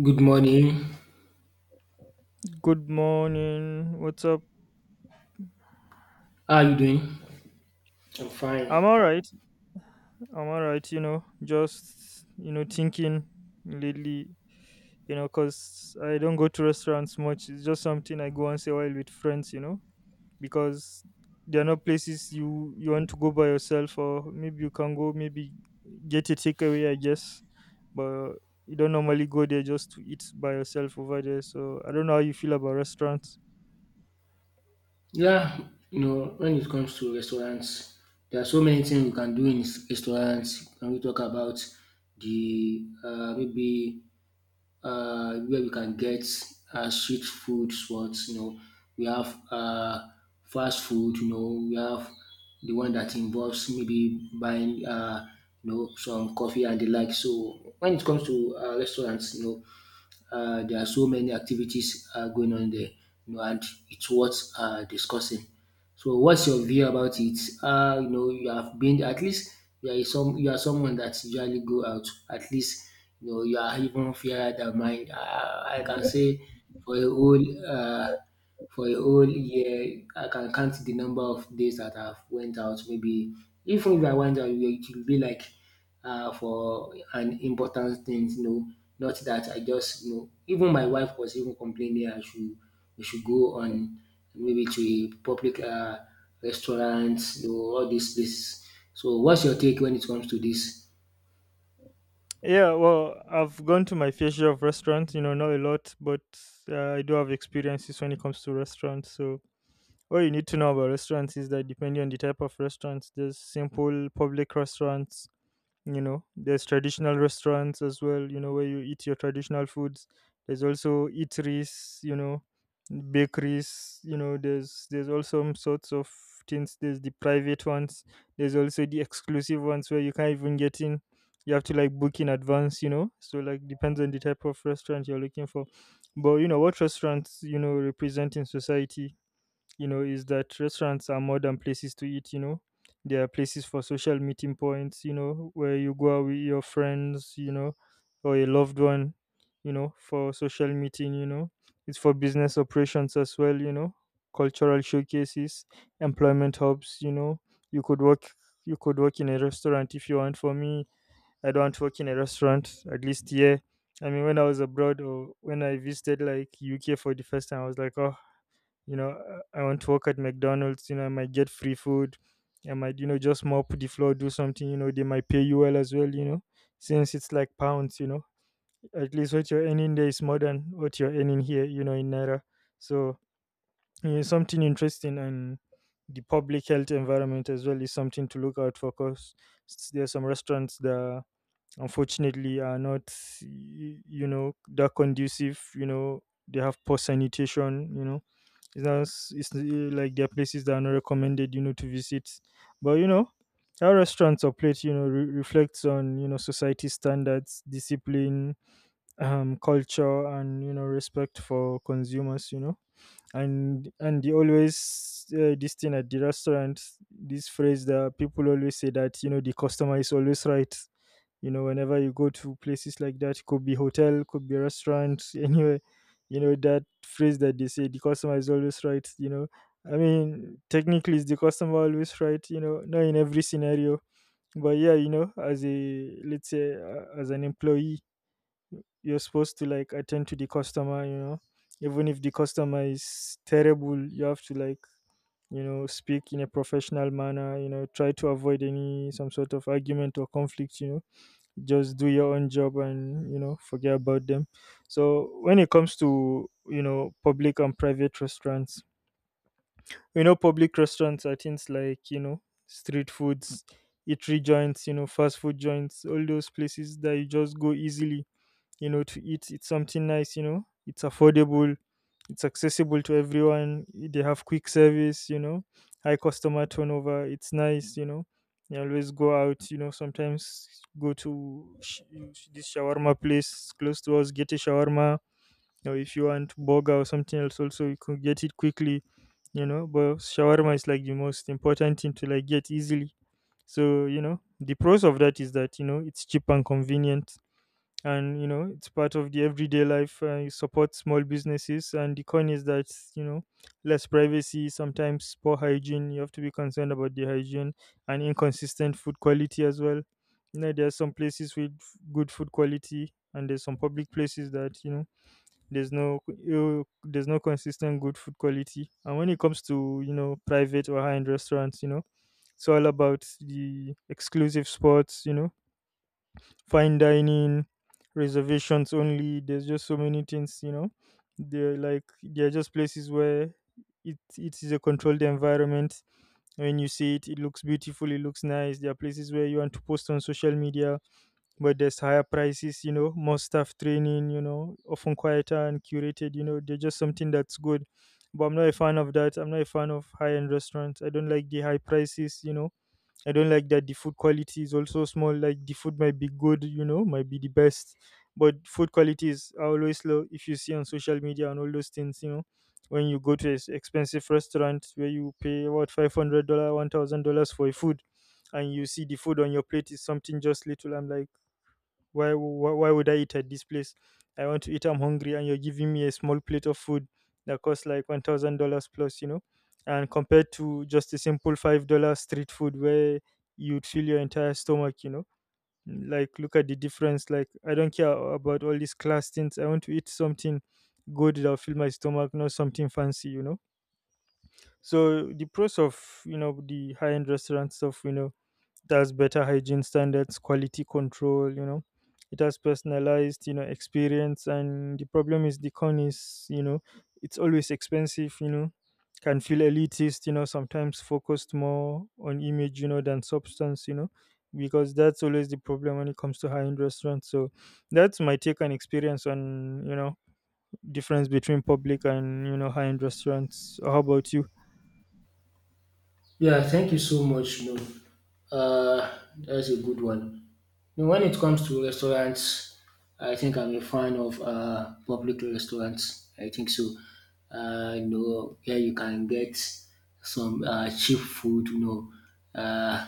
Good morning. Good morning. What's up? How are you doing? I'm fine. I'm all right. I'm all right, you know, just, you know, thinking lately, you know, because I don't go to restaurants much. It's just something I go once a while with friends, you know, because there are no places you want to go by yourself, or maybe you can go, maybe get a takeaway, I guess. But you don't normally go there just to eat by yourself over there. So I don't know how you feel about restaurants. Yeah, you know, when it comes to restaurants, there are so many things we can do in restaurants. Can we talk about the maybe where we can get street food spots? You know, we have fast food. You know, we have the one that involves maybe buying you know some coffee and the like. So when it comes to restaurants, you know there are so many activities going on there, you know, and it's worth discussing. So, what's your view about it? You know, you have been at least you are some you are someone that usually go out. At least you know you are even fairer than mine. I can say for a whole uh, for a whole year, I can count the number of days that I've went out. Maybe even if I went out, it will be like for an important things. You know, not that I just you know. Even my wife was even complaining I should we should go on maybe to a public restaurant, you know, all these places. So, what's your take when it comes to this? Yeah, well, I've gone to my fair share of restaurants, you know, not a lot, but I do have experiences when it comes to restaurants. So, all you need to know about restaurants is that depending on the type of restaurants, there's simple public restaurants, you know, there's traditional restaurants as well, you know, where you eat your traditional foods. There's also eateries, you know, bakeries, you know, there's all some sorts of things. There's the private ones. There's also the exclusive ones where you can't even get in. You have to like book in advance, you know, so like depends on the type of restaurant you're looking for. But you know what restaurants, you know, represent in society, you know, is that restaurants are more than places to eat, you know. They are places for social meeting points, you know, where you go out with your friends, you know, or a loved one, you know, for social meeting, you know. It's for business operations as well, you know, cultural showcases, employment hubs, you know. You could work you could work in a restaurant if you want. For me, I don't want to work in a restaurant, at least here. I mean when I was abroad or when I visited like UK for the first time, I was like, oh, you know, I want to work at McDonald's. You know, I might get free food, I might, you know, just mop the floor, do something. You know, they might pay you well as well, you know, since it's like pounds, you know. At least what you're earning there is more than what you're earning here, you know, in naira. So, you know, something interesting. And the public health environment as well is something to look out for, because there are some restaurants that unfortunately are not you know, that conducive, you know. They have poor sanitation, you know. It's not s- it's uh, like there are places that are not recommended, you know, to visit. But you know, how restaurants or plate, you know, reflects on, you know, society standards, discipline, culture, and, you know, respect for consumers, you know. And the always, this thing at the restaurant, this phrase that people always say that, you know, the customer is always right, you know. Whenever you go to places like that, could be hotel, could be restaurant, anywhere, you know, that phrase that they say, the customer is always right, you know. I mean, technically, is the customer always right? You know, not in every scenario. But yeah, you know, as a, let's say, as an employee, you're supposed to like attend to the customer, you know. Even if the customer is terrible, you have to like, you know, speak in a professional manner, you know, try to avoid any some sort of argument or conflict, you know. Just do your own job and, you know, forget about them. So when it comes to, you know, public and private restaurants, you know, public restaurants are things like, you know, street foods, eatery joints, you know, fast food joints, all those places that you just go easily, you know, to eat. It's something nice, you know, it's affordable, it's accessible to everyone. They have quick service, you know, high customer turnover. It's nice, you know. You always go out, you know, sometimes go to sh- this shawarma place close to us, get a shawarma. Or if you want burger or something else, also you could get it quickly, you know. But shawarma is like the most important thing to like get easily. So you know, the pros of that is that, you know, it's cheap and convenient, and you know, it's part of the everyday life. You support small businesses, and the con is that, you know, less privacy, sometimes poor hygiene. You have to be concerned about the hygiene and inconsistent food quality as well. You know, there are some places with good food quality, and there's some public places that, you know, there's no consistent good food quality. And when it comes to, you know, private or high-end restaurants, you know, it's all about the exclusive spots, you know, fine dining, reservations only. There's just so many things, you know. They're like, they're just places where it is a controlled environment. When you see it, it looks beautiful, it looks nice. There are places where you want to post on social media, but there's higher prices, you know, more staff training, you know, often quieter and curated, you know, they're just something that's good. But I'm not a fan of that. I'm not a fan of high end restaurants. I don't like the high prices, you know. I don't like that the food quality is also small. Like the food might be good, you know, might be the best, but food qualities are always low. If you see on social media and all those things, you know, when you go to an expensive restaurant where you pay what, $500, $1,000 for a food, and you see the food on your plate is something just little, I'm like, why would I eat at this place? I want to eat. I'm hungry, and you're giving me a small plate of food that costs like $1,000 plus. You know, and compared to just a simple $5 street food where you'd fill your entire stomach. You know, like look at the difference. Like I don't care about all these class things. I want to eat something good that'll fill my stomach, not something fancy. You know. So the pros of, you know, the high end restaurant stuff, you know, it has better hygiene standards, quality control, you know, it has personalized, you know, experience. And the problem is, the con is, you know, it's always expensive, you know, can feel elitist, you know, sometimes focused more on image, you know, than substance, you know, because that's always the problem when it comes to high-end restaurants. So that's my take and experience on, you know, difference between public and, you know, high-end restaurants. How about you? Yeah, thank you so much. No, uh, that's a good one. Now, when it comes to restaurants, I think I'm a fan of public restaurants. I think so. You know, here you can get some cheap food. You know, uh,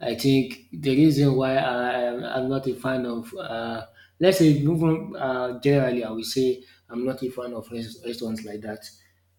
I think the reason why I'm not a fan of, let's say, even generally, I would say I'm not a fan of restaurants like that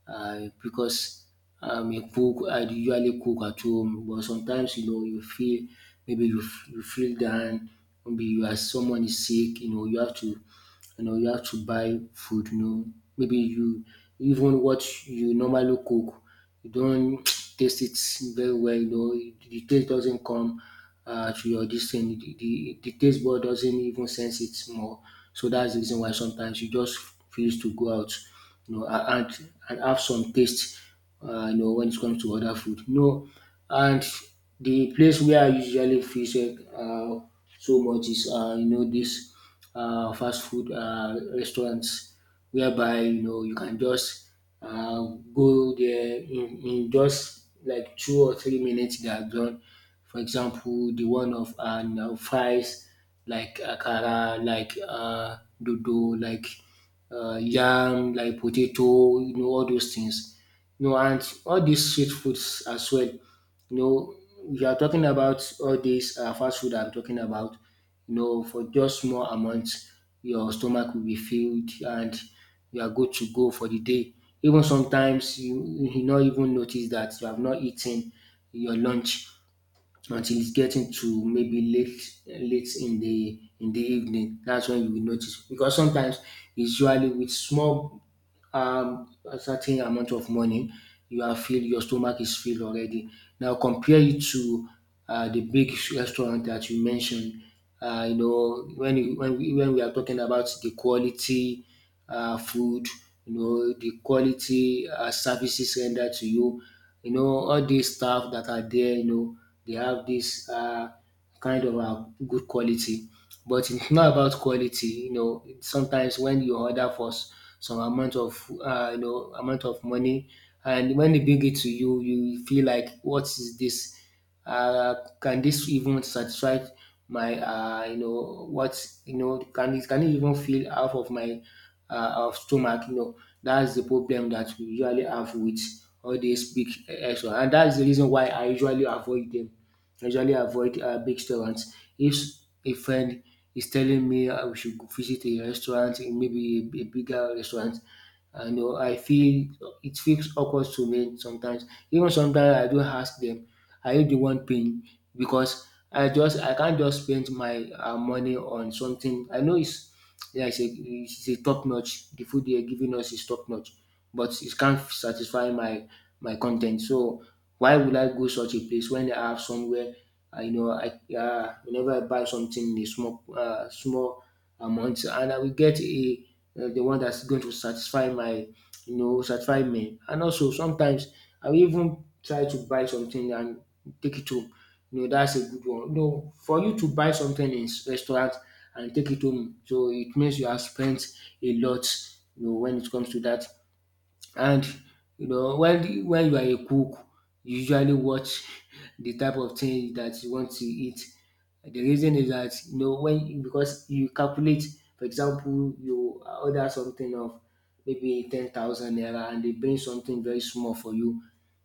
because a cook I usually cook at home, but sometimes you know you feel maybe you feel down, maybe you are someone is sick, you know you have to buy food, you know, maybe you even what you normally cook you don't taste it very well, you know, the taste doesn't come to your this thing, the taste bud doesn't even sense it more. So that's the reason why sometimes you just feel to go out, you know, and have some taste you know, when it comes to other food no. And the place where I usually visit so much is, you know, this fast food restaurants, whereby you know you can just uh, go there in just like 2 or 3 minutes. They are done. For example, the one of you know, fries, like akara, like dodo, like yam, like potato, you know, all those things. You know, and all these street foods as well, you know, you are talking about all this fast food I'm talking about, you know, for just small amounts, your stomach will be filled and you are good to go for the day. Even sometimes you not even notice that you have not eaten your lunch until it's getting to maybe late in the evening. That's when you will notice, because sometimes it's usually with small a certain amount of money, you are filled, your stomach is filled already. Now compare it to the big restaurant that you mentioned. You know, when we are talking about the quality food, you know, the quality services rendered to you, you know, all these staff that are there, you know, they have this kind of good quality. But it's not about quality, you know. Sometimes when you order for some amount of you know amount of money, and when they bring it to you, you feel like what is this? Uh, can this even satisfy my you know what you know? Can it even fill half of my of stomach? You know, that's the problem that we usually have with all these big extra, and that's the reason why I usually avoid them. I usually avoid big restaurants. If a friend is telling me we should go visit a restaurant, maybe a bigger restaurant, I know I feel it feels awkward to me sometimes. Even sometimes I do ask them, "Are you the one paying?" Because I can't just spend my money on something I know it's a top notch. The food they are giving us is top notch, but it can't satisfy my content. So why would I go such a place when I have somewhere? I know I whenever I buy something in a small amount, and I will get a the one that's going to satisfy my you know satisfy me. And also sometimes I will even try to buy something and take it home, no, that's a good one. No, for you to buy something in restaurant and take it home, so it means you have spent a lot. You know, when it comes to that, and you know when you are a cook, you usually watch the type of thing that you want to eat. The reason is that you know when because you calculate, for example, you order something of maybe 10,000 naira and they bring something very small for you,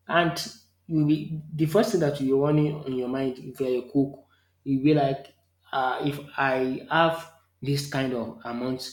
and you be the first thing that you want in your mind if you're a cook, you be like, if I have this kind of amount,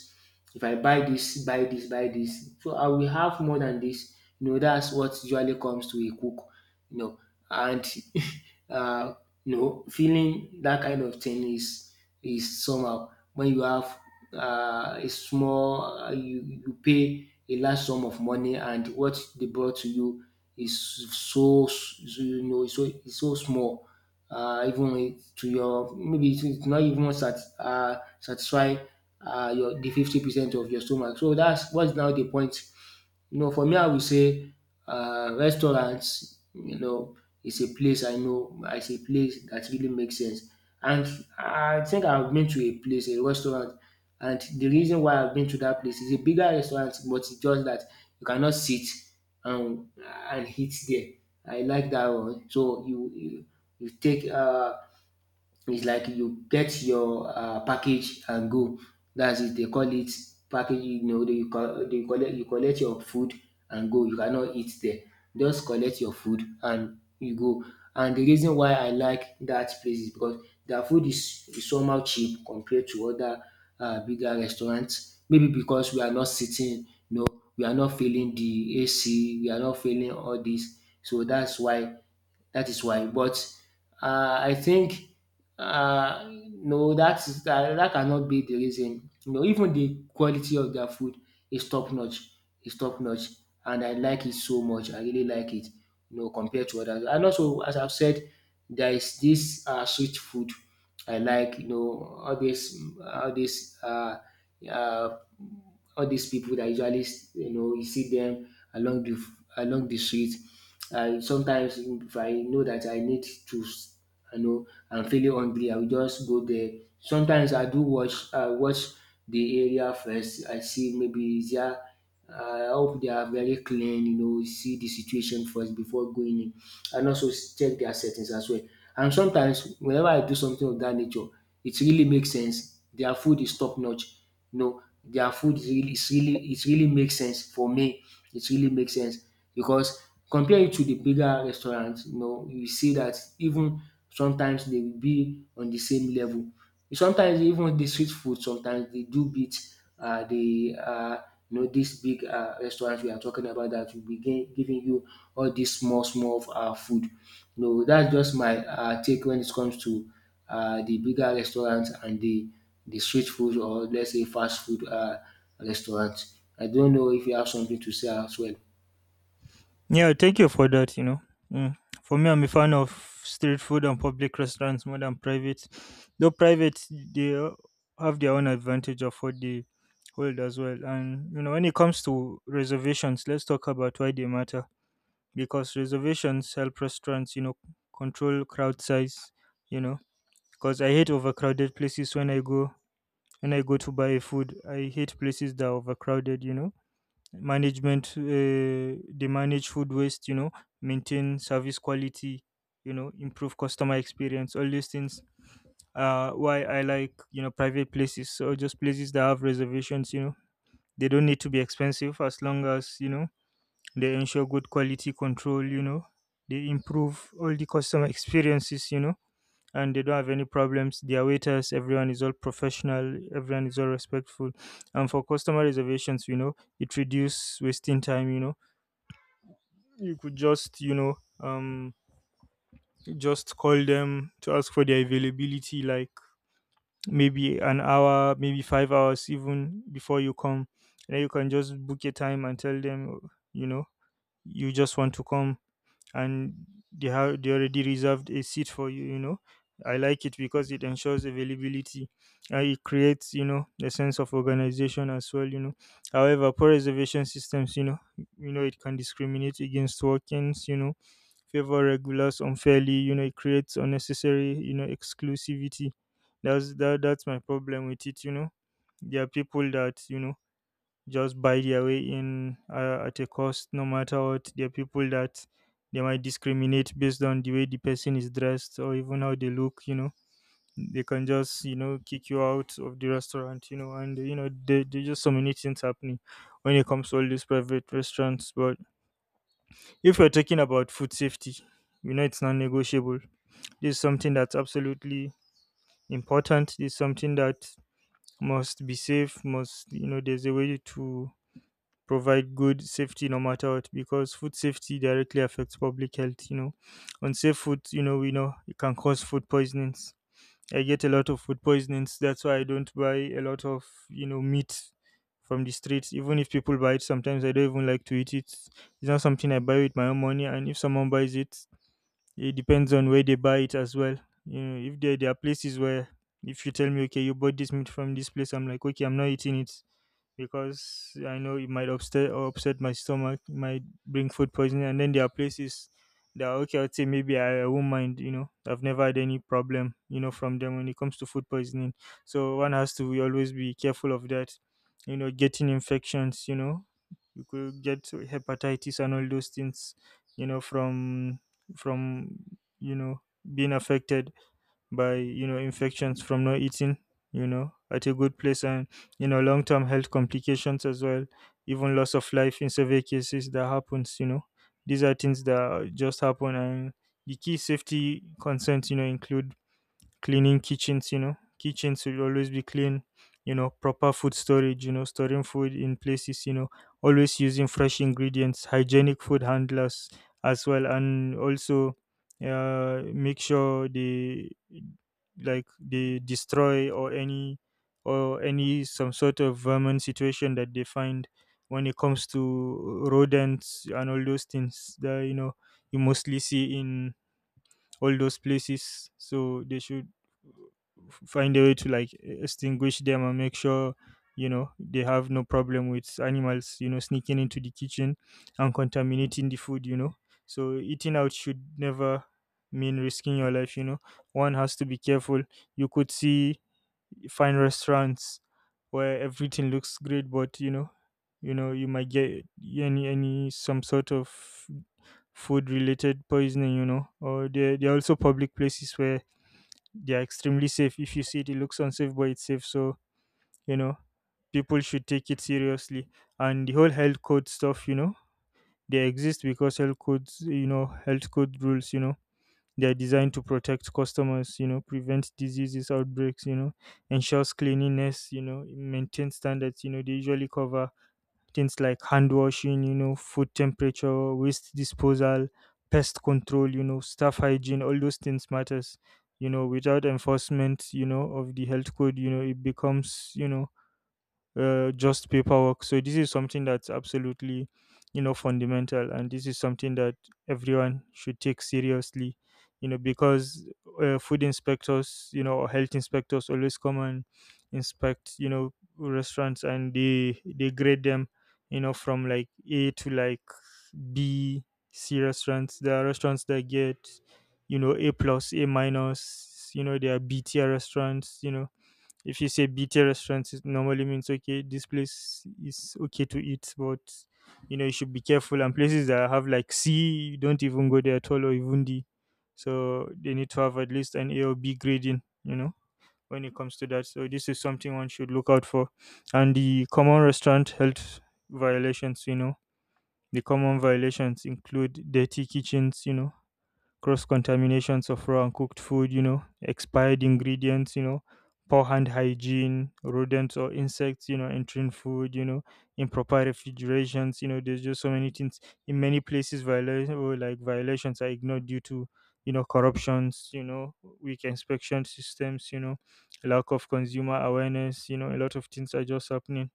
if I buy this, buy this, buy this. So I will have more than this. You know, that's what usually comes to a cook. You know, and uh, you know, feeling that kind of thing is somehow. When you have you pay a large sum of money, and what they brought to you is so, so so is so small, even to your, maybe it's not even sat, satisfy your the 50% of your stomach. So that's what's now the point. You know, for me, I will say restaurants, you know, is a place I know, is a place that really makes sense. And I think I've been to a place, a restaurant, and the reason why I've been to that place is a bigger restaurant, but it's just that you cannot sit and eat there. I like that one. So you take it's like you get your package and go. That's it. They call it package. You know, they collect your food and go. You cannot eat there. Just collect your food and you go. And the reason why I like that place is because their food is, somehow cheap compared to other bigger restaurants. Maybe because we are not sitting, you know, we are not feeling the AC, we are not feeling all this. So that's why that is why. But I think no, that is that cannot be the reason. You know, even the quality of their food is top notch. Is top notch, and I like it so much. I really like it. You know, compared to others. And also, as I've said, there is this street food I like. You know, all this, all this. Uh, all these people that usually you know you see them along the along the street. I sometimes, if I know that I need to you know, I'm feeling hungry, I will just go there. Sometimes I watch the area first. I see maybe is there, I hope they are very clean, you know, see the situation first before going in, and also check their settings as well. And sometimes whenever I do something of that nature, it really makes sense. Their food is top notch. You know, their food is really, it's really, it really makes sense for me, it really makes sense, because compare it to the bigger restaurants, you know, you see that even sometimes they will be on the same level. Sometimes even the street food, sometimes they do beat the you know this big restaurant we are talking about that will be giving you all this small food. You know, that's just my take when it comes to the bigger restaurants and the street food, or let's say fast food restaurant. I don't know if you have something to say as well. Yeah, thank you for that. You know, mm. For me, I'm a fan of street food and public restaurants more than private. Though private, they have their own advantage of what they hold as well. And you know, when it comes to reservations, let's talk about why they matter. Because reservations help restaurants, you know, control crowd size. You know, because I hate overcrowded places. When I go to buy food, I hate places that are overcrowded, you know. Management, they manage food waste, you know, maintain service quality, you know, improve customer experience, all these things. Why I like, you know, private places, or just places that have reservations, you know, they don't need to be expensive, as long as, you know, they ensure good quality control, you know, they improve all the customer experiences, you know, and they don't have any problems. Their waiters, everyone is all professional, everyone is all respectful. And for customer reservations, you know, it reduce wasting time, you know. You could just, you know, um just call them to ask for their availability like maybe an hour, maybe 5 hours even before you come. And then you can just book a time and tell them, you know, you just want to come, and they already reserved a seat for you, you know. I like it because it ensures availability, and it creates, you know, a sense of organization as well, you know. However, poor reservation systems, you know, you know, it can discriminate against walk-ins, you know, favor regulars unfairly, you know, it creates unnecessary, you know, exclusivity. That's my problem with it, you know. There are people that, you know, just buy their way in, at a cost, no matter what. There are people that they might discriminate based on the way the person is dressed or even how they look, you know. They can just, you know, kick you out of the restaurant, you know, and, you know, there just so many things happening when it comes to all these private restaurants. But if you're talking about food safety, you know, it's non negotiable. This is something that's absolutely important. This is something that must be safe, must, there's a way to provide good safety no matter what, because food safety directly affects public health, you know. Unsafe food, you know, we know it can cause food poisonings. I get a lot of food poisonings, that's why I don't buy a lot of, you know, meat from the streets. Even if people buy it, sometimes I don't even like to eat it. It's not something I buy with my own money, and if someone buys it, it depends on where they buy it as well. You know, if there are places where, if you tell me, okay, you bought this meat from this place, I'm like, okay, I'm not eating it, because I know it might upset or upset my stomach, might bring food poisoning. And then there are places that are okay, I'd say maybe I won't mind, you know, I've never had any problem, you know, from them when it comes to food poisoning. So one has to always be careful of that, you know, getting infections, you know, you could get hepatitis and all those things, you know, from, you know, being affected by, you know, infections from not eating, you know, at a good place, and, you know, long-term health complications as well, even loss of life in severe cases. That happens, you know. These are things that just happen. And the key safety concerns, you know, include cleaning kitchens, you know, kitchens will always be clean, you know, proper food storage, you know, storing food in places, you know, always using fresh ingredients, hygienic food handlers as well, and also make sure they, like, they destroy or any some sort of vermin situation that they find when it comes to rodents and all those things that, you know, you mostly see in all those places. So they should find a way to, like, extinguish them and make sure, you know, they have no problem with animals, you know, sneaking into the kitchen and contaminating the food, you know. So eating out should never mean risking your life, you know. One has to be careful. You could see fine restaurants where everything looks great, but, you know, you know, you might get any some sort of food related poisoning, you know, or they're also public places where they're extremely safe. If you see it, it looks unsafe, but it's safe. So, you know, people should take it seriously. And the whole health code stuff, you know, they exist because health codes, you know, health code rules, you know, they're designed to protect customers, you know, prevent diseases, outbreaks, you know, ensures cleanliness, you know, maintain standards, you know, they usually cover things like hand washing, you know, food temperature, waste disposal, pest control, you know, staff hygiene, all those things matters. You know, without enforcement, you know, of the health code, you know, it becomes, you know, just paperwork. So this is something that's absolutely, you know, fundamental, and this is something that everyone should take seriously, you know, because food inspectors, you know, or health inspectors always come and inspect, you know, restaurants, and they grade them, you know, from like A to like B, C restaurants. There are restaurants that get, you know, A plus, A minus. You know, there are B tier restaurants. You know, if you say BT restaurants, it normally means, okay, this place is okay to eat, but, you know, you should be careful. And places that have like C, don't even go there at all, or even D. So they need to have at least an A or B grading. You know, when it comes to that. So this is something one should look out for, and the common restaurant health violations. You know, the common violations include dirty kitchens. You know, cross contaminations of raw and cooked food, you know, expired ingredients, you know, poor hand hygiene, rodents or insects, you know, entering food, you know, improper refrigerations, you know, there's just so many things. In many places, violation oh, like violations are ignored due to, you know, corruptions, you know, weak inspection systems, you know, lack of consumer awareness, you know, a lot of things are just happening.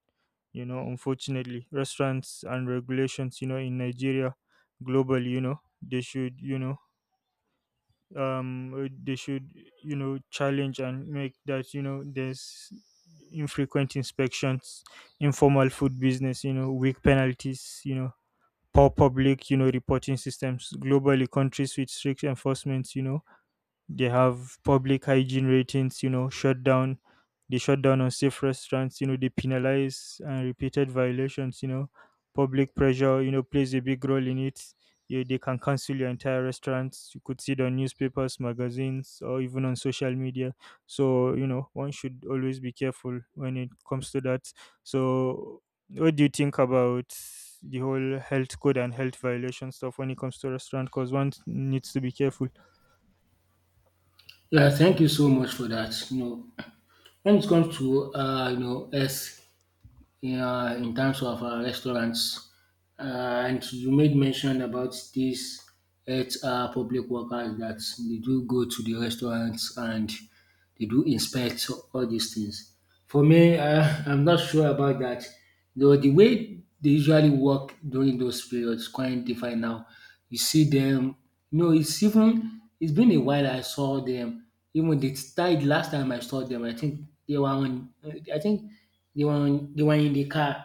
You know, unfortunately, restaurants and regulations, you know, in Nigeria, globally, you know, they should, you know, they should, you know, challenge and make that, you know, there's infrequent inspections, informal food business, you know, weak penalties, you know, poor public, you know, reporting systems globally. Countries with strict enforcement, you know, they have public hygiene ratings, you know, shut down. They shut down on safe restaurants, you know, they penalize and repeated violations, you know. Public pressure, you know, plays a big role in it. Yeah, they can cancel your entire restaurants. You could see it on newspapers, magazines, or even on social media. So, you know, one should always be careful when it comes to that. So, what do you think about the whole health code and health violation stuff when it comes to restaurant? Because one needs to be careful. Yeah, thank you so much for that. You know, when it comes to you know, in terms of restaurants, uh, and you made mention about these eight public workers that they do go to the restaurants and they do inspect, so, all these things. For me, I'm not sure about that. Though the way they usually work during those periods quite different now. You see them. No, it's even it's been a while I saw them. Even the tide last time I saw them, I think they were on. I think They were in the car,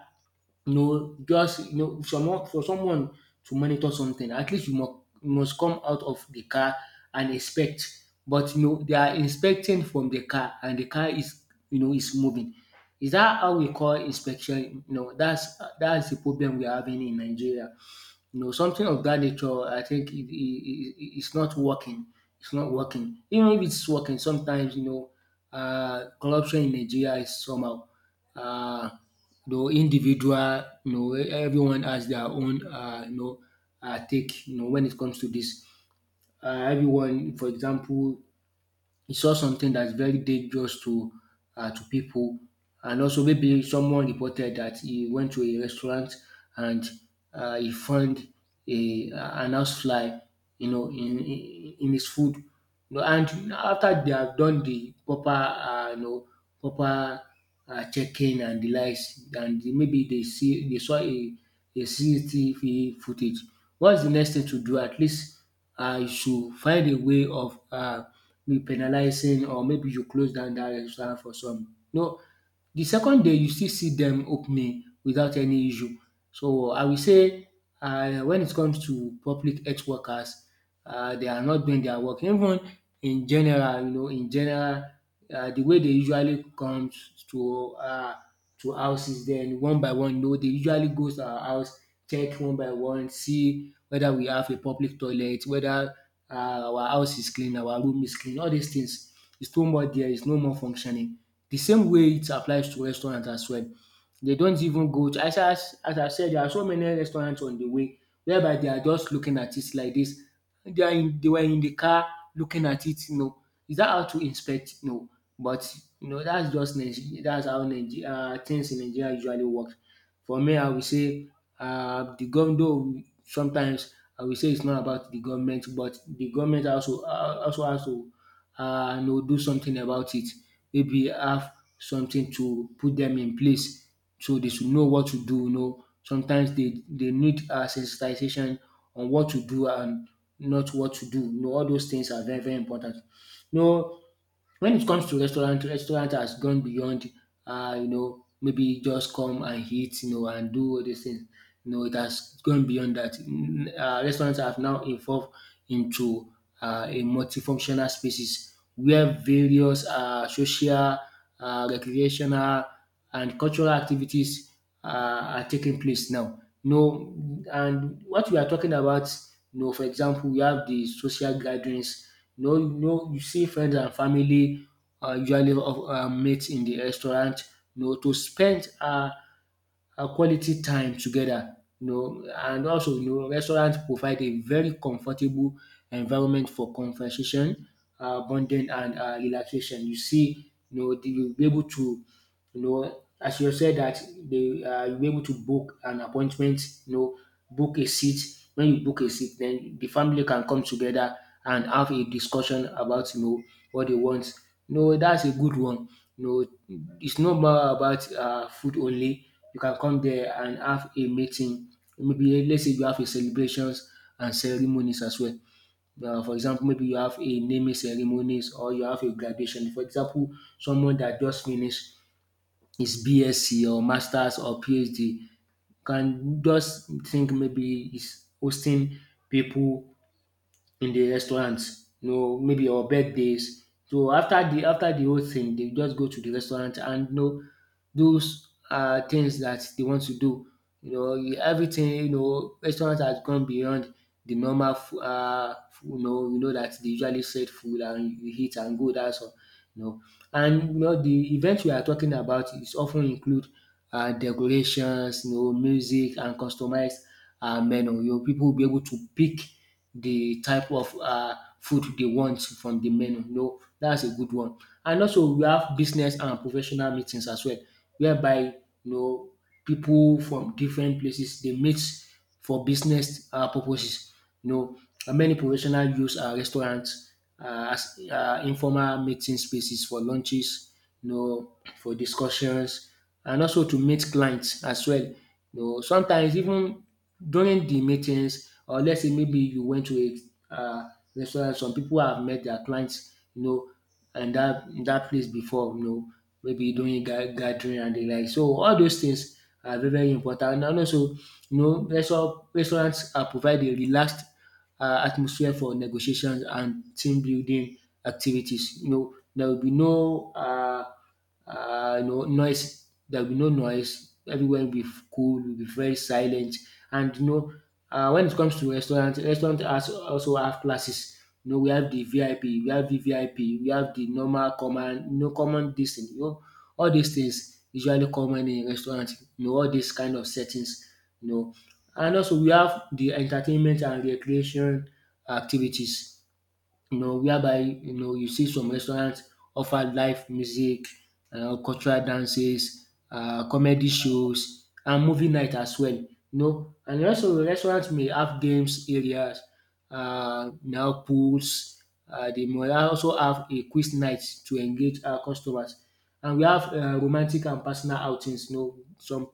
you know, just, you know, someone for someone to monitor something. At least you must come out of the car and inspect. But, you know, they are inspecting from the car, and the car is, you know, is moving. Is that how we call inspection? You know, that's the problem we are having in Nigeria. You know, something of that nature, I think it's not working. It's not working. Even if it's working, sometimes, you know, corruption in Nigeria is somehow, uh, you know, individual, you know, everyone has their own, you know, take, you know, when it comes to this. Everyone, for example, he saw something that's very dangerous to, to people. And also maybe someone reported that he went to a restaurant and, he found a an housefly, you know, in, in his food, you know, and after they have done the proper, you know, proper, checking and the likes. And maybe they saw a CCTV footage. What's the next thing to do? At least, should find a way of, maybe penalizing or maybe you close down that restaurant for some. No, the second day you still see them opening without any issue. So I will say, when it comes to public health workers, they are not doing their work. Even in general, you know, in general, the way they usually comes to, to houses, then one by one, you know, they usually goes to our house, check one by one, see whether we have a public toilet, whether, our house is clean, our room is clean. All these things its no more there. It's no more functioning. The same way it applies to restaurant as well. They don't even go to, as I said, there are so many restaurants on the way whereby they are just looking at it like this. They were in the car looking at it, you know. Is that how to inspect? No. But, you know, that's just Nigeria, that's how Nigeria, things in Nigeria usually work. For me, I will say, the governor, sometimes I will say it's not about the government, but the government also, also has to, you know, do something about it. Maybe have something to put them in place so they should know what to do. You know, sometimes they need, sensitization on what to do and not what to do. You know, all those things are very important. You know, when it comes to restaurant, restaurant has gone beyond, you know, maybe just come and eat, you know, and do all these things. You know, it has gone beyond that. Restaurants have now evolved into, a multifunctional spaces where various, social, recreational, and cultural activities, are taking place now. You know, and what we are talking about, you know, for example, we have the social gatherings. No, no, you see friends and family are usually meet in the restaurant, you know, to spend quality time together, you know. And also, you know, restaurant provide a very comfortable environment for conversation, bonding and, relaxation. You see, you know, you'll be able to, you know, as you said that they you'll be able to book an appointment, you know, book a seat. When you book a seat, then the family can come together and have a discussion about, you know, what they want. No, that's a good one. No, it's not more about, food only. You can come there and have a meeting. Maybe let's say you have a celebrations and ceremonies as well. For example, maybe you have a naming ceremonies or you have a graduation. For example, someone that just finished his BSc or Masters or PhD can just think maybe he's hosting people in the restaurants, you know, maybe our birthdays. So after the whole thing, they just go to the restaurant and, you know, those are things that they want to do. You know, everything. You know, restaurant has gone beyond the normal. You know, you know that they usually set food and you eat and go. That's all. You know, and you know the event we are talking about is often include, decorations, you know, music and customized, menu. You know, people will be able to pick the type of, food they want from the menu. No, that's a good one. And also we have business and professional meetings as well, whereby, you know, people from different places dey meet for business purposes. You know, and many professional use restaurant as informal meeting spaces for lunches, you know, for discussions and also to meet clients as well. You know, sometimes even during the meetings, or let's say maybe you went to a restaurant, some people have met their clients, you know, and that place before, you know, maybe doing gathering and the like. So all those things are very important. And also, you know, restaurants are provide a relaxed, atmosphere for negotiations and team building activities. You know, there will be no, you know, noise. There will be no noise. Everywhere will be cool. Will be very silent. And you know, when it comes to restaurant, restaurant has, also have classes. You know, we have the VIP, we have the VIP, we have the normal common, you know, common this thing. You know, all these things usually common in restaurant. You know, all these kind of settings. You know, and also we have the entertainment and recreation activities, you know, whereby, you know, you see some restaurants offer live music, cultural dances, comedy shows and movie night as well, you know. And also restaurants may have games areas, now pools. They may also have a quiz night to engage our customers. And we have romantic and personal outings, you know. some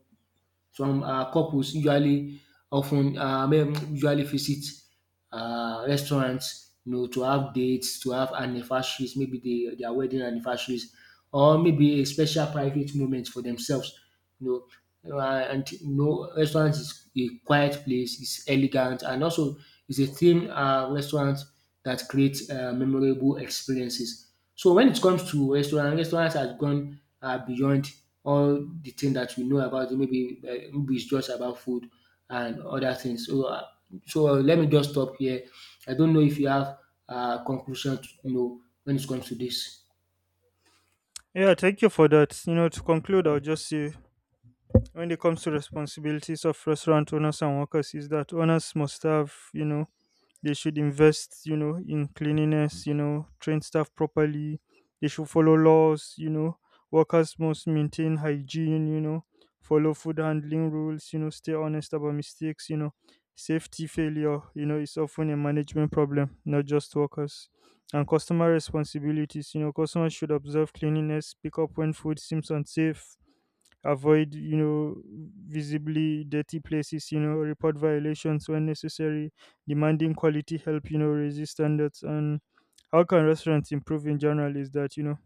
some um couples usually often, ten men usually visit restaurants, you know, to have dates, to have anniversaries, maybe they their wedding anniversaries, or maybe a special private moment for themselves, you know. And, you know, restaurant is a quiet place, is elegant, and also it's a theme, restaurant that creates, memorable experiences. So when it comes to restaurant, restaurants has gone, beyond all the thing that we know about it. Maybe, maybe it's just about food and other things. So, so let me just stop here. I don't know if you have, conclusion to know when it comes to this. Yeah, thank you for that. You know, to conclude, I'll just say when it comes to responsibilities of restaurant owners and workers, is that owners must have, you know, they should invest, you know, in cleanliness, you know, train staff properly. They should follow laws, you know. Workers must maintain hygiene, you know, follow food handling rules, you know, stay honest about mistakes, you know. Safety failure, you know, is often a management problem, not just workers. And customer responsibilities, you know, customers should observe cleanliness, pick up when food seems unsafe, avoid, you know, visibly dirty places, you know, report violations when necessary, demanding quality help, you know, raise standards. And how can restaurants improve in general is that, you know,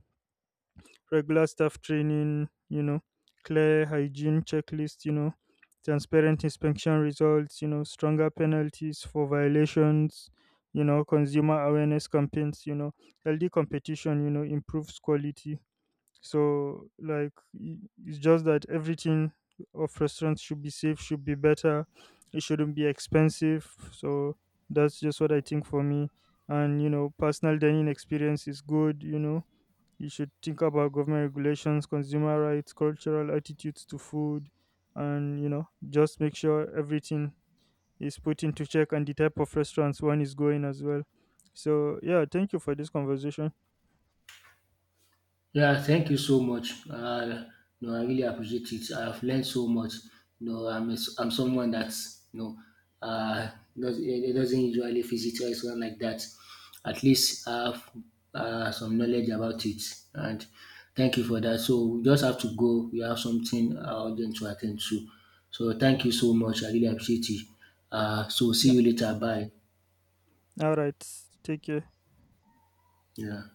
regular staff training, you know, clear hygiene checklist, you know, transparent inspection results, you know, stronger penalties for violations, you know, consumer awareness campaigns, you know, healthy competition, you know, improves quality. So, like, i- it's just that everything of restaurants should be safe, should be better. It shouldn't be expensive. So that's just what I think for me. And, you know, personal dining experience is good. You know, you should think about government regulations, consumer rights, cultural attitudes to food, and, you know, just make sure everything is put into check and the type of restaurants one is going as well. So yeah, thank you for this conversation. Yeah, thank you so much. No, I really appreciate it. I've learned so much. No, I'm someone that's, you know, uh doesn't usually visit restaurant like that. At least I have, some knowledge about it, and thank you for that. So we just have to go. We have something, urgent to attend to. So thank you so much. I really appreciate it. So see Yeah. you later. Bye. All right. Take care. Yeah.